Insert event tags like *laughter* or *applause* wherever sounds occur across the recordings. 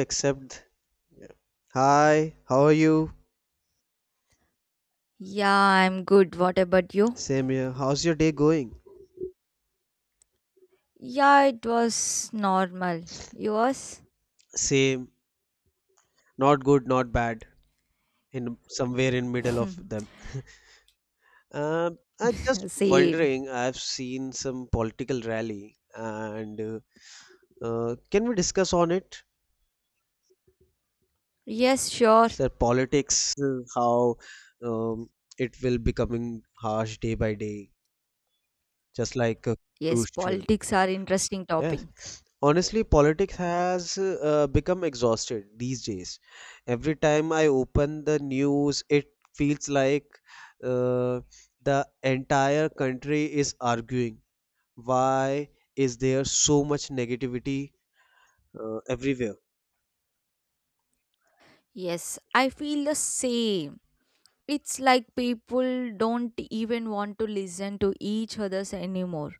Except, yeah. Hi, how are you? Yeah, I'm good. What about you? Same here. How's your day going? Yeah, it was normal. Yours? Same. Not good, not bad. In somewhere in middle of *laughs* them. I'm just Same. wondering. I've seen some political rally, and can we discuss on it? Yes, sure. Sir, politics, how um, it will becoming harsh day by day, just like Yes, crucial. politics are interesting topic. Yes. Honestly, politics has become exhausted these days. Every time I open the news, it feels like uh, the entire country is arguing. Why is there so much negativity everywhere? Yes, I feel the same. It's like people don't even want to listen to each other's anymore.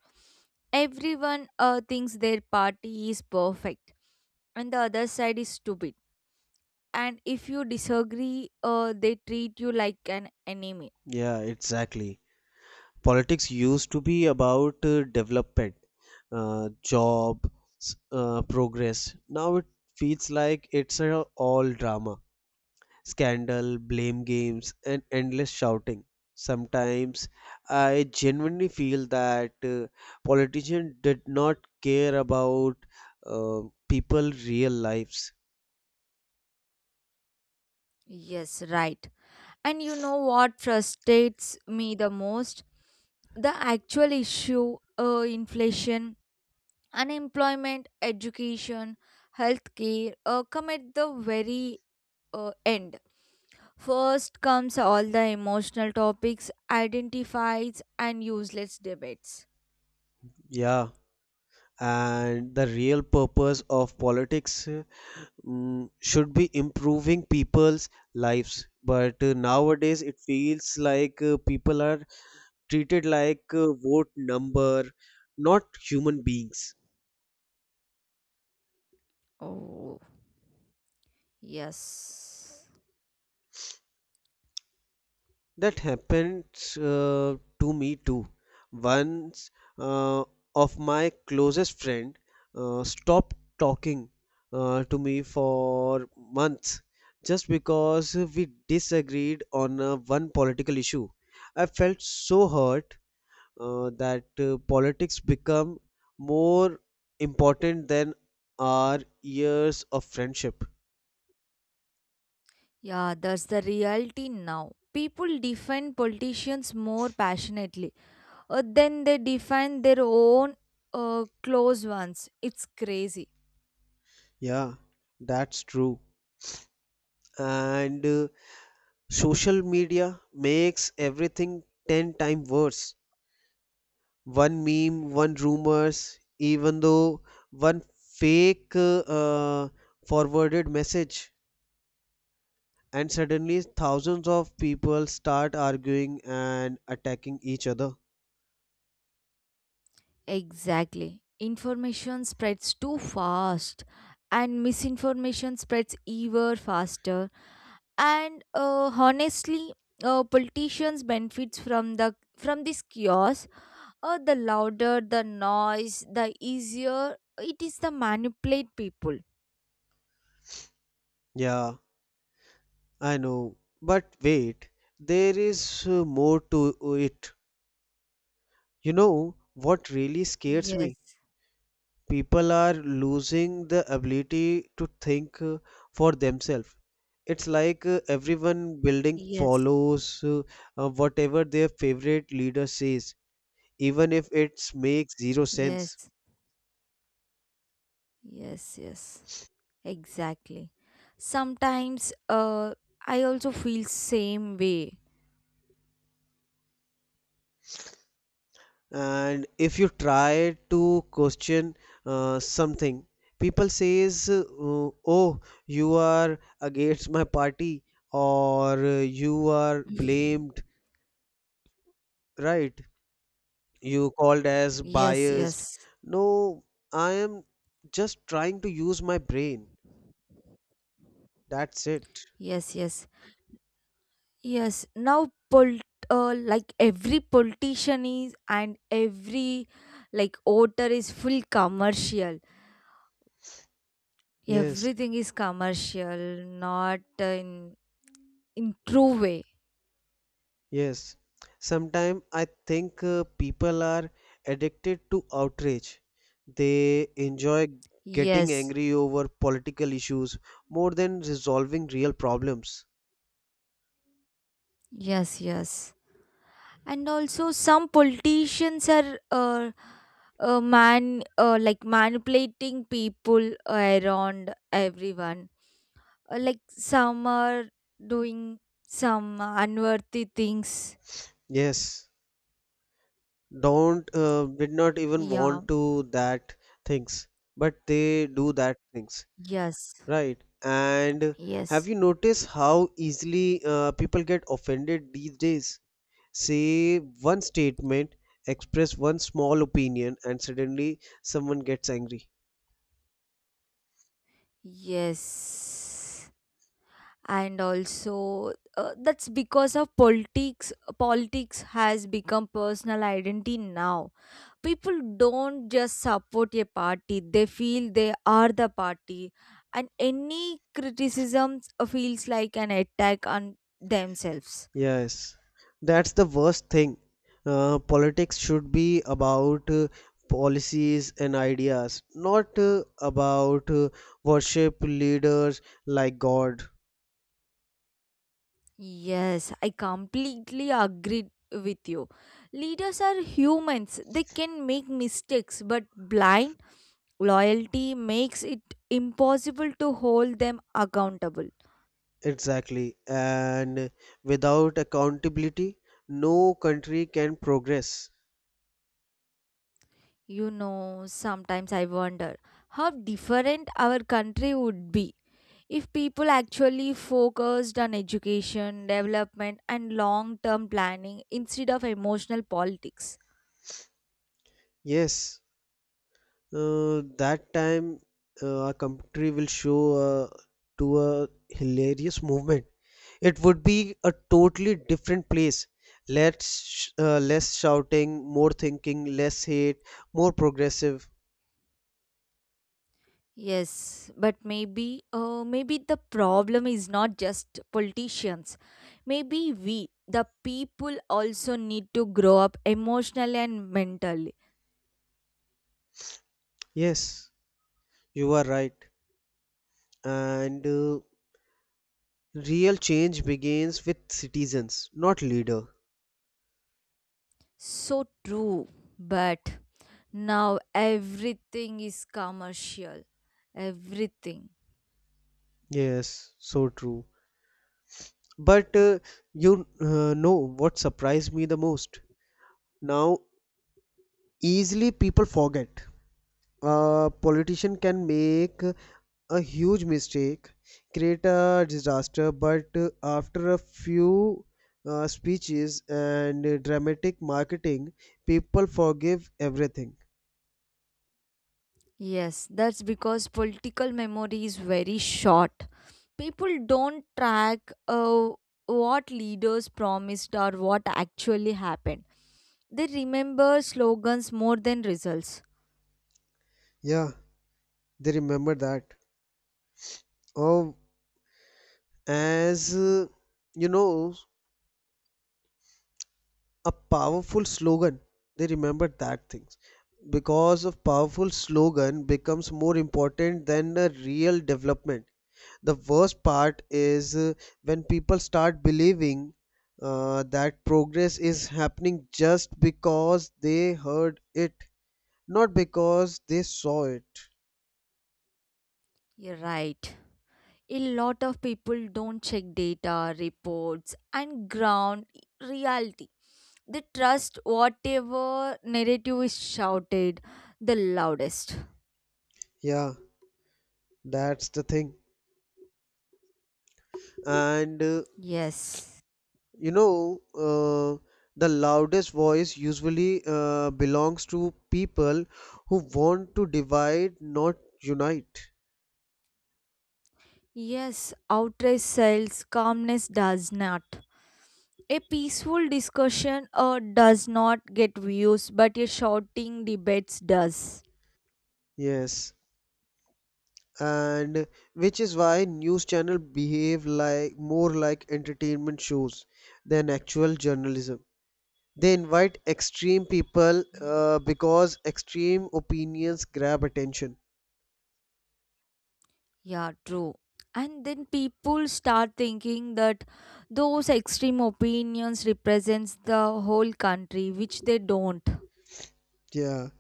Everyone thinks their party is perfect and the other side is stupid. And if you disagree, they treat you like an enemy. Yeah, exactly. Politics used to be about development, job, progress. Now it feels like it's all drama. Scandal, blame games, and endless shouting. Sometimes I genuinely feel that politicians did not care about uh, people' real lives. Yes, right. And you know what frustrates me the most? The actual issue inflation, unemployment, education, healthcare come at the very end. First comes all the emotional topics, identifies, and useless debates. Yeah, and the real purpose of politics should be improving people's lives. But nowadays it feels like people are treated like vote number, not human beings. Oh, yes. That happened uh, to me too. Once uh, of my closest friend stopped talking to me for months just because we disagreed on one political issue. I felt so hurt that politics become more important than our years of friendship. Yeah, that's the reality now. People defend politicians more passionately then they define their own close ones. It's crazy. Yeah, that's true. And social media makes everything 10 times worse. One meme, one rumors, even though one fake forwarded message, and suddenly thousands of people start arguing and attacking each other. Exactly. Information spreads too fast, and misinformation spreads even faster. And honestly, politicians benefits from this chaos. The louder the noise, the easier it is to manipulate people. Yeah, I know. But wait, there is more to it. You know what really scares me? Yes. People are losing the ability to think for themselves. It's like everyone building Yes. follows whatever their favorite leader says, even if it makes zero sense. Yes. Yes. Yes. Exactly. Sometimes I also feel same way. And if you try to question something, people says, "Oh, you are against my party," or "You are *laughs* blamed." Right? You called as Yes, biased. yes, No, I am just trying to use my brain. That's it. yes, yes, yes. Now, like every politician is and every like voter is full commercial. Yes, Everything is commercial, not in true way. yes. Sometimes I think people are addicted to outrage. They enjoy getting Yes, angry over political issues more than resolving real problems. yes, yes. And also some politicians are man like manipulating people around everyone. Like some are doing some unworthy things. Yes, don't did not even Yeah, want to that things, but they do that things. yes, Right. And have yes, you noticed how easily people get offended these days? Say one statement, express one small opinion, and suddenly someone gets angry. yes. And also that's because of politics. Politics has become personal identity now. People don't just support a party, they feel they are the party, and any criticism feels like an attack on themselves. Yes, that's the worst thing. Politics should be about policies and ideas, not about worship leaders like God. Yes, I completely agree with you. Leaders are humans, they can make mistakes, but blind loyalty makes it impossible to hold them accountable. Exactly. And without accountability, no country can progress. You know, sometimes I wonder how different our country would be if people actually focused on education, development, and long term planning instead of emotional politics. Yes, that time our country will show to a hilarious movement. It would be a totally different place. Less shouting, more thinking, less hate, more progressive. Yes, but maybe the problem is not just politicians. Maybe we, the people, also need to grow up emotionally and mentally. Yes, you are right. And real change begins with citizens, not leader. So true, but now everything is commercial. Everything. Yes, so true. But you know what surprised me the most? Now, easily people forget. A politician can make a huge mistake, create a disaster, but after a few speeches and dramatic marketing, people forgive everything. Yes, that's because political memory is very short. People don't track what leaders promised or what actually happened. They remember slogans more than results. Yeah, they remember that. Oh, as you know, a powerful slogan, they remember that things because of powerful slogan becomes more important than the real development. The worst part is when people start believing that progress is happening just because they heard it, not because they saw it. You're right. A lot of people don't check data, reports, and ground reality. They trust whatever narrative is shouted the loudest. Yeah, that's the thing. And Yes. You know, uh, the loudest voice usually belongs to people who want to divide, not unite. Yes, outrage sells, calmness does not. A peaceful discussion does not get views, but a shouting debates does. Yes, and which is why news channel behave like more like entertainment shows than actual journalism. They invite extreme people because extreme opinions grab attention. Yeah, true. And then people start thinking that those extreme opinions represents the whole country, which they don't. Yeah,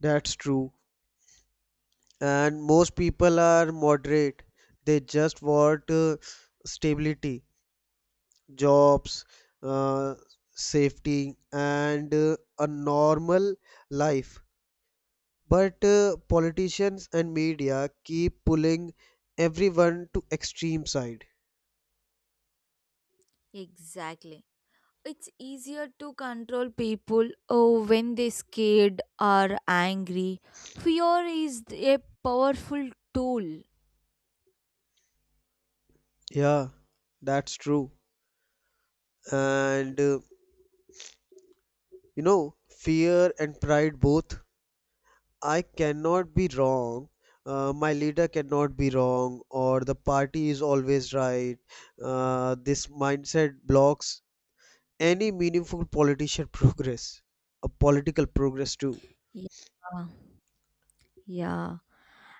that's true. And most people are moderate. They just want stability, jobs, uh, safety, and a normal life. But politicians and media keep pulling everyone to extreme side. Exactly. It's easier to control people, oh, when they're scared or angry. Fear is a powerful tool. Yeah, that's true. And you know fear and pride both. I cannot be wrong. My leader cannot be wrong, or the party is always right. This mindset blocks any meaningful politician *laughs* progress, a political progress too. Yeah. Yeah.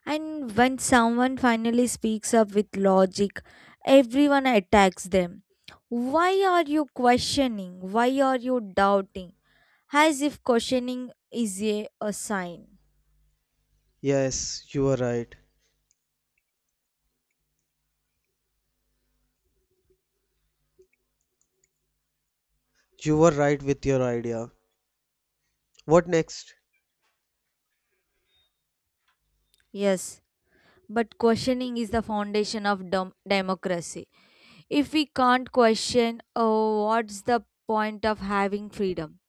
And when someone finally speaks up with logic, everyone attacks them. Why are you questioning? Why are you doubting? As if questioning is a sign. Yes, you were right. You were right with your idea. What next? Yes, but questioning is the foundation of democracy. If we can't question, oh, what's the point of having freedom?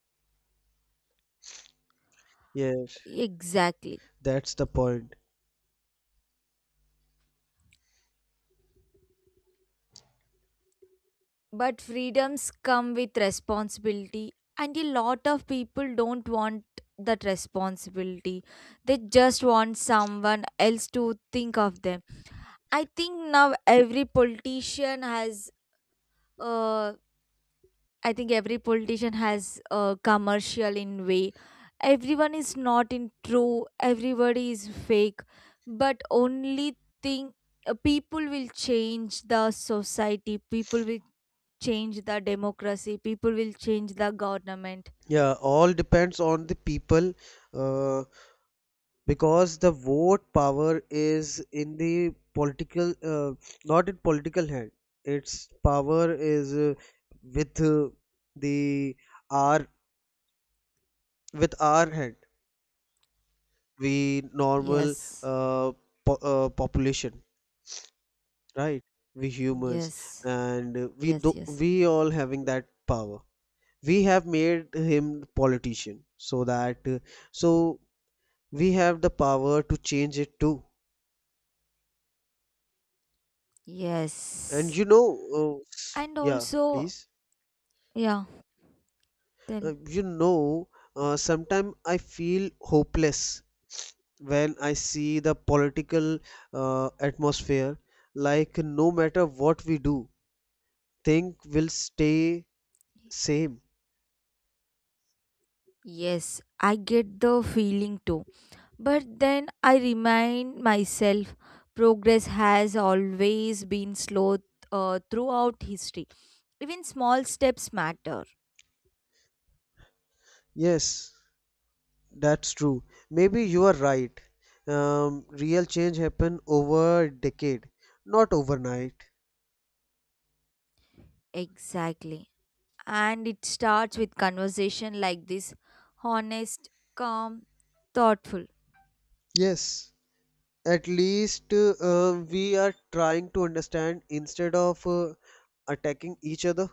Yes, Exactly. that's the point. But freedoms come with responsibility, and a lot of people don't want that responsibility. They just want someone else to think of them. I think now every politician has, uh, I think every politician has a commercial in way. Everyone is not in true. Everybody is fake. But only thing, people will change the society. People will change the democracy. People will change the government. Yeah, all depends on the people uh, because the vote power is in the political, not in political hand. Its power is with uh, the our with our hand. We normal Yes. uh, population, right? We humans. Yes. And we do. Yes. Yes. We all having that power. We have made him politician, so that so we have the power to change it too. And Yes. you know, And yeah, also, please. yeah, tell. You know, sometimes I feel hopeless when I see the political atmosphere. Like, no matter what we do, things will stay same. Yes. I get the feeling too, but then I remind myself progress has always been slow throughout history. Even small steps matter. Yes, that's true. Maybe you are right. Real change happen over a decade, not overnight. Exactly. And it starts with conversation like this: honest, calm, thoughtful. Yes. At least we are trying to understand instead of attacking each other.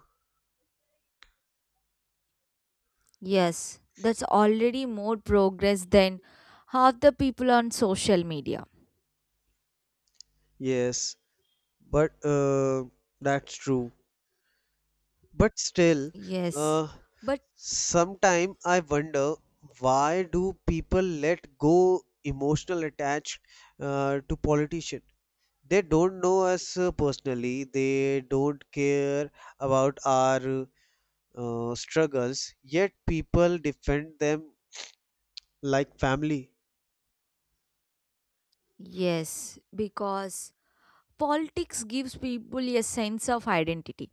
Yes, that's already more progress than half the people on social media. Yes, but that's true, but still Yes, uh, but sometime I wonder why do people let go emotional attached to politician. They don't know us personally. They don't care about our struggles, yet people defend them like family. yes, because politics gives people a sense of identity.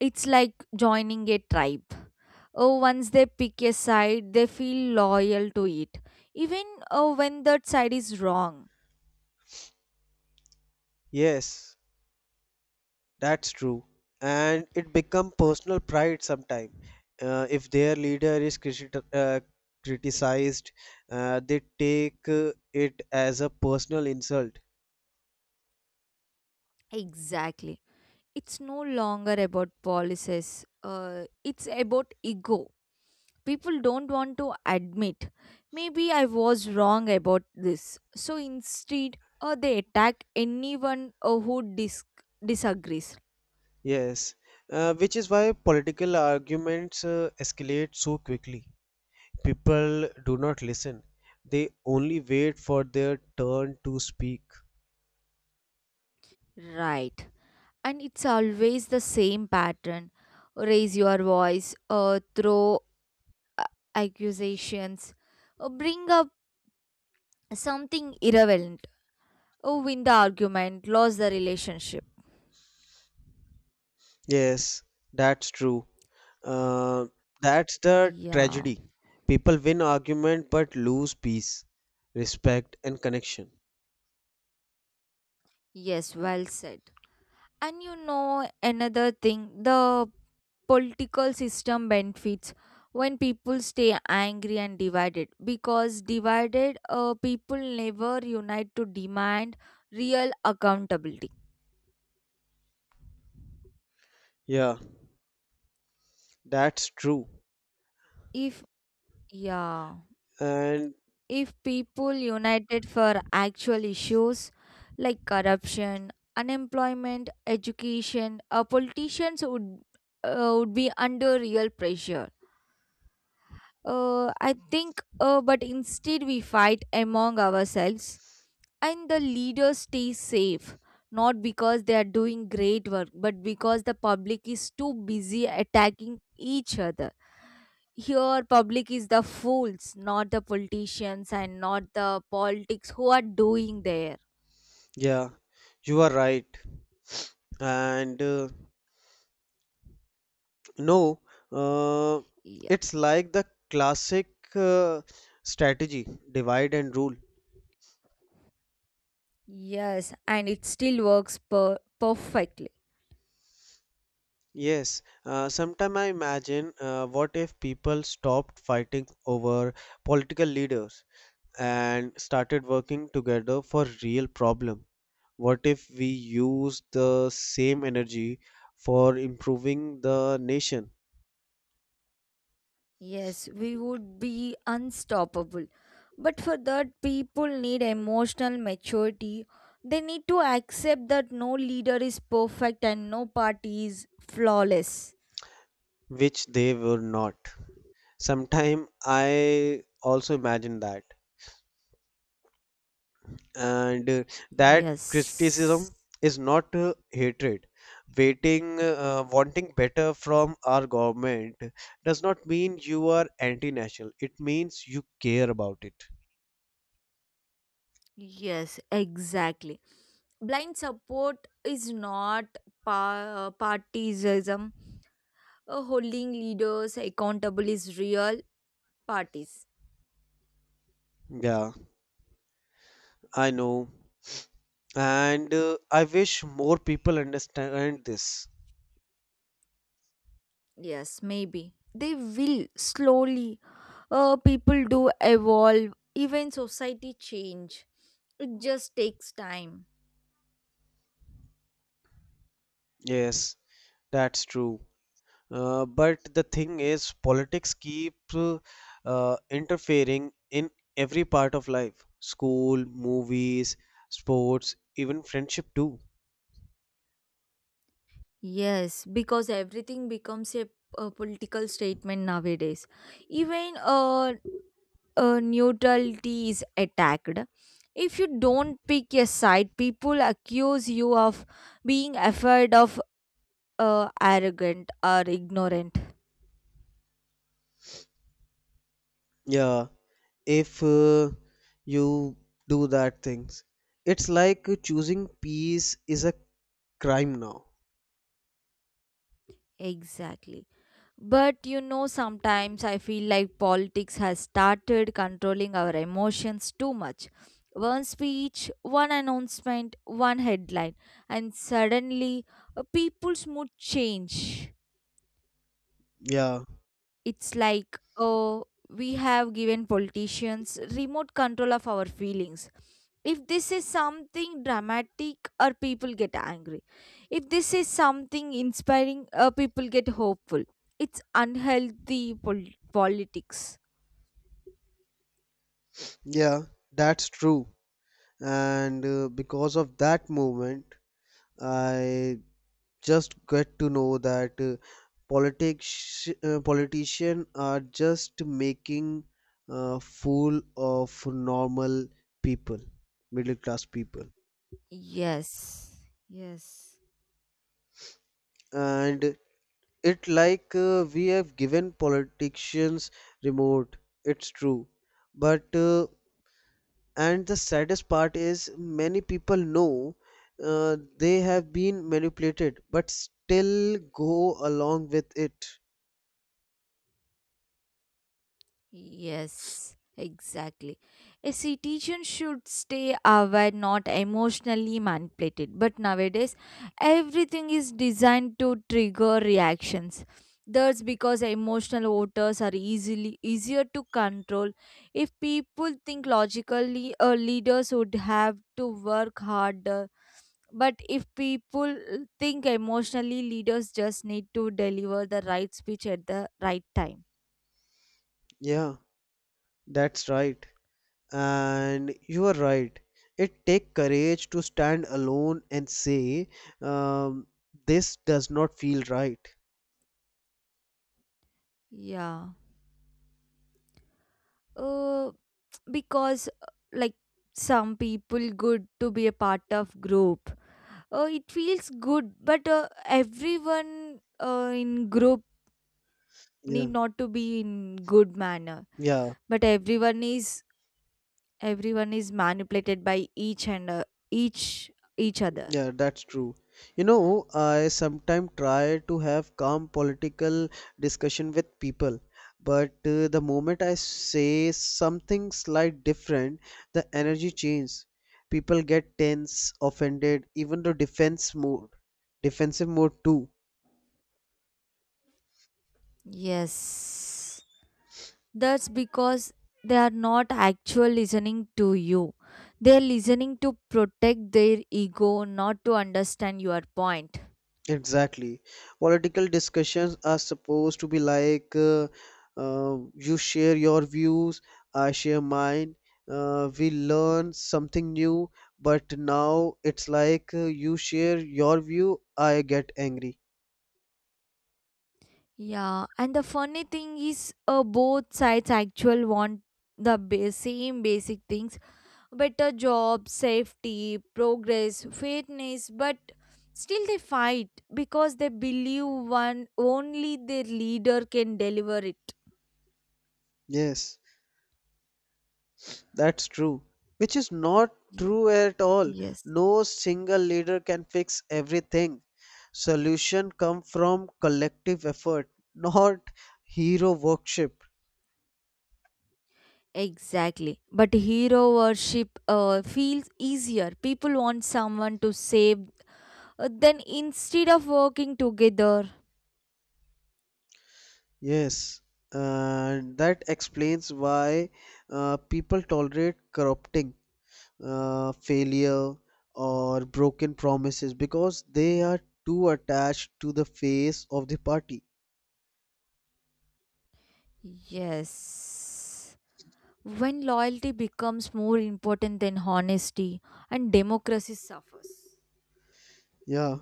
It's like joining a tribe. Oh, once they pick a side, they feel loyal to it, even when that side is wrong. Yes, that's true. And it become personal pride sometime. If their leader is criticized, they take it as a personal insult. Exactly. It's no longer about policies, it's about ego. People don't want to admit maybe I was wrong about this, so instead they attack anyone who disagrees. Yes, which is why political arguments escalate so quickly. People do not listen. They only wait for their turn to speak. Right, and it's always the same pattern: raise your voice, throw uh, accusations, bring up something irrelevant, win the argument, lose the relationship. Yes, that's true. Uh, that's the Yeah. tragedy. People win argument but lose peace, respect, and connection. Yes, well said. And you know, another thing, the political system benefits when people stay angry and divided, because divided people never unite to demand real accountability. Yeah, that's true. If, yeah, And if people united for actual issues like corruption, unemployment, education, politicians would be under real pressure. I think, but instead we fight among ourselves, and the leaders stay safe, not because they are doing great work, but because the public is too busy attacking each other. Here, public is the fools, not the politicians and not the politics who are doing there. yeah, you are right. And no, uh, Yeah. it's like the classic uh, strategy divide and rule. Yes, and it still works perfectly. Yes, sometimes I imagine what if people stopped fighting over political leaders and started working together for real problem. What if we use the same energy for improving the nation, Yes, we would be unstoppable. But for that, people need emotional maturity. They need to accept that no leader is perfect and no party is flawless. which they were not? Sometime I also imagine that. And that Yes. criticism is not hatred. Waiting wanting better from our government does not mean you are anti-national. It means you care about it. Yes, exactly. Blind support is not partisanism. Holding leaders accountable is real parties. Yeah, I know. And I wish more people understand this. Yes, maybe. They will slowly people do evolve, even society change. It just takes time. Yes, that's true. But the thing is, politics keep interfering in every part of life. School, movies, sports, even friendship too. Yes, because everything becomes a political statement nowadays. Even neutrality is attacked. If you don't pick a side, people accuse you of being afraid of, arrogant or ignorant. Yeah, if you do that things, it's like choosing peace is a crime now. Exactly. But you know, sometimes I feel like politics has started controlling our emotions too much. One speech, one announcement, one headline, and suddenly people's mood change. Yeah, It's like, oh, we have given politicians remote control of our feelings. If this is something dramatic, or people get angry. If this is something inspiring, people get hopeful. It's unhealthy politics. yeah, that's true. And because of that movement I just get to know that politics politicians are just making a fool of normal people, middle class people. Yes, yes. And it like we have given politicians remote. It's true. But uh, and the saddest part is many people know they have been manipulated but still go along with it. Yes, exactly. A citizen should stay aware, not emotionally manipulated. But nowadays, everything is designed to trigger reactions. That's because emotional voters are easily easier to control. If people think logically, leaders would have to work harder. But if people think emotionally, leaders just need to deliver the right speech at the right time. Yeah, that's right. And you are right. It take courage to stand alone and say um, this does not feel right. Yeah. Uh, because like some people good to be a part of group. It feels good, but everyone in group need Yeah, not to be in good manner. yeah, But everyone is manipulated by each and each each other. yeah, that's true. You know, I sometimes try to have calm political discussion with people, but the moment I say something slight different, the energy changes. People get tense, offended, even defensive mode too. Yes. That's because they are not actual listening to you. They are listening to protect their ego, not to understand your point. Exactly. Political discussions are supposed to be like you share your views, I share mine. We learn something new, but now it's like you share your view, I get angry. Yeah, and the funny thing is, both sides actually want the same basic things: better job, safety, progress, fairness. But still they fight because they believe one only their leader can deliver it. Yes, that's true. Which is not Ye- true at all. Yes, No single leader can fix everything. Solution come from collective effort, *laughs* not hero worship. exactly. But hero worship feels easier. People want someone to save, then instead of working together. Yes, and that explains why people tolerate corrupting failure or broken promises because they are too attached to the face of the party. Yes. When loyalty becomes more important than honesty and democracy suffers. Yeah,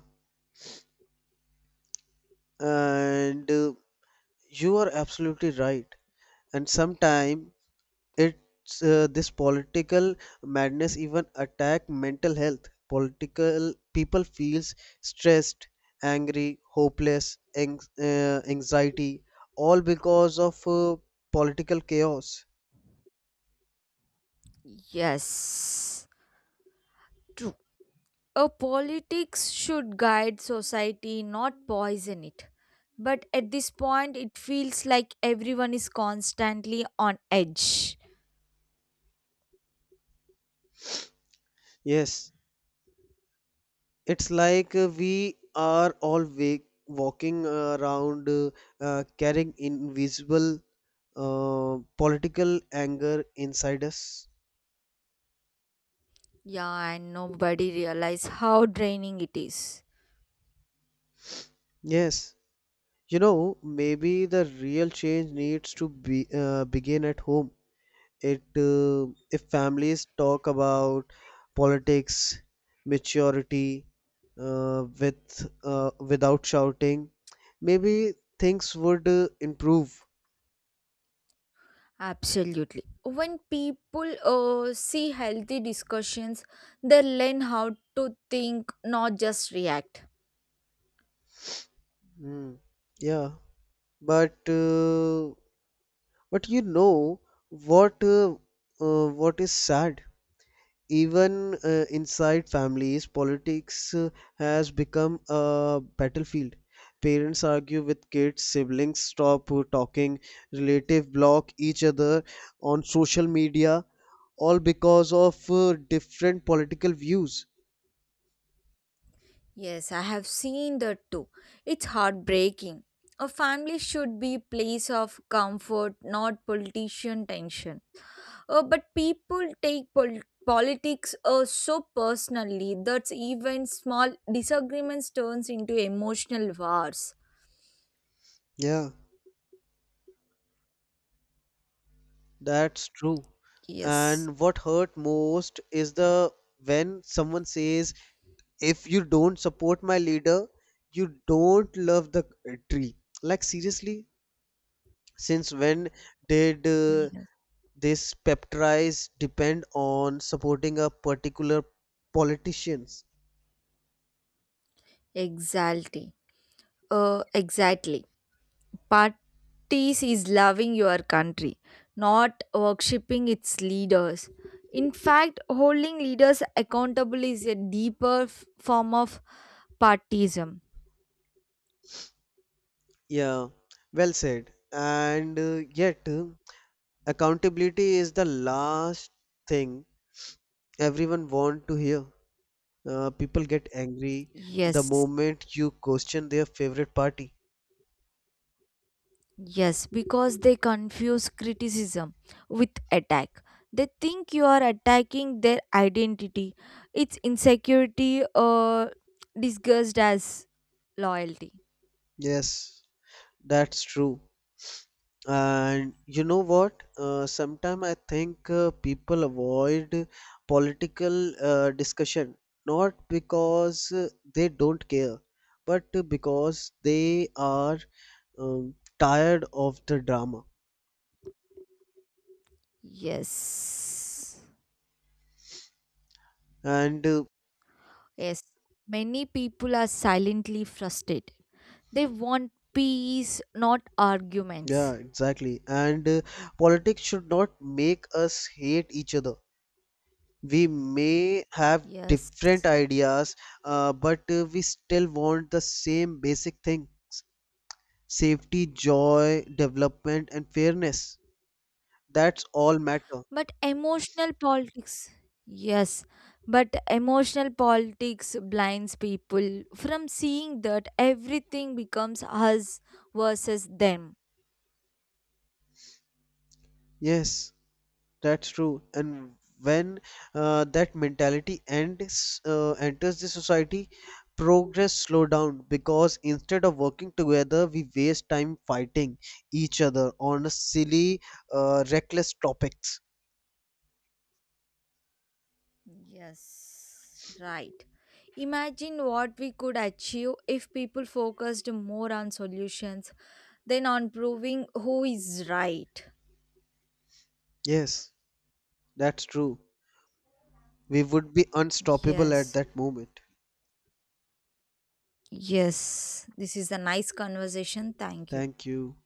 and you are absolutely right. And sometimes. It's this political madness even attack mental health. Political people feels stressed, angry, hopeless, anxiety, all because of political chaos. Yes, true. A politics should guide society, not poison it. But at this point, it feels like everyone is constantly on edge. Yes, it's like we are all walking around, carrying invisible political anger inside us. Yeah, and nobody realizes how draining it is. Yes. You know, maybe the real change needs to be begin at home. It If families talk about politics, maturity, without shouting, maybe things would improve. Absolutely. When people see healthy discussions, they learn how to think, not just react. Hmm. Yeah, but uh, but you know what uh, what is sad? Even inside families, politics has become a battlefield. Parents argue with kids, siblings stop talking, relatives block each other on social media, all because of different political views. Yes, I have seen that too. It's heartbreaking. A family should be place of comfort, not politician tension. But people take politics so personally that even small disagreements turns into emotional wars. Yeah, that's true. Yes. And what hurt most is the when someone says, if you don't support my leader, you don't love the country. Like seriously, since when did Yes. this peptides depend on supporting a particular politicians? Exactly. Exactly. Parties is loving your country, not worshipping its leaders. In fact, holding leaders accountable is a deeper form of partism. Yeah, well said. And yet, accountability is the last thing everyone want to hear. People get angry the Yes, moment you question their favorite party. yes, because they confuse criticism with attack. They think you are attacking their identity, its insecurity, or disguised as loyalty. Yes, that's true. And you know what? Sometimes I think people avoid political discussion not because they don't care, but because they are tired of the drama. Yes. And Yes, many people are silently frustrated. They want peace, not yeah, arguments. exactly. And politics should not make us hate each other. We may have Yes. different ideas, but we still want the same basic things: safety, joy, development, and fairness. That's all matter. But emotional politics, yes, but emotional politics blinds people from seeing that everything becomes us versus them. Yes, that's true. And when that mentality ends, enters the society, progress slow down because instead of working together, we waste time fighting each other on a silly, reckless topics. Yes, right. Imagine what we could achieve if people focused more on solutions than on proving who is right. Yes, that's true. We would be unstoppable at Yes. that moment. Yes. This is a nice conversation. Thank you. Thank you.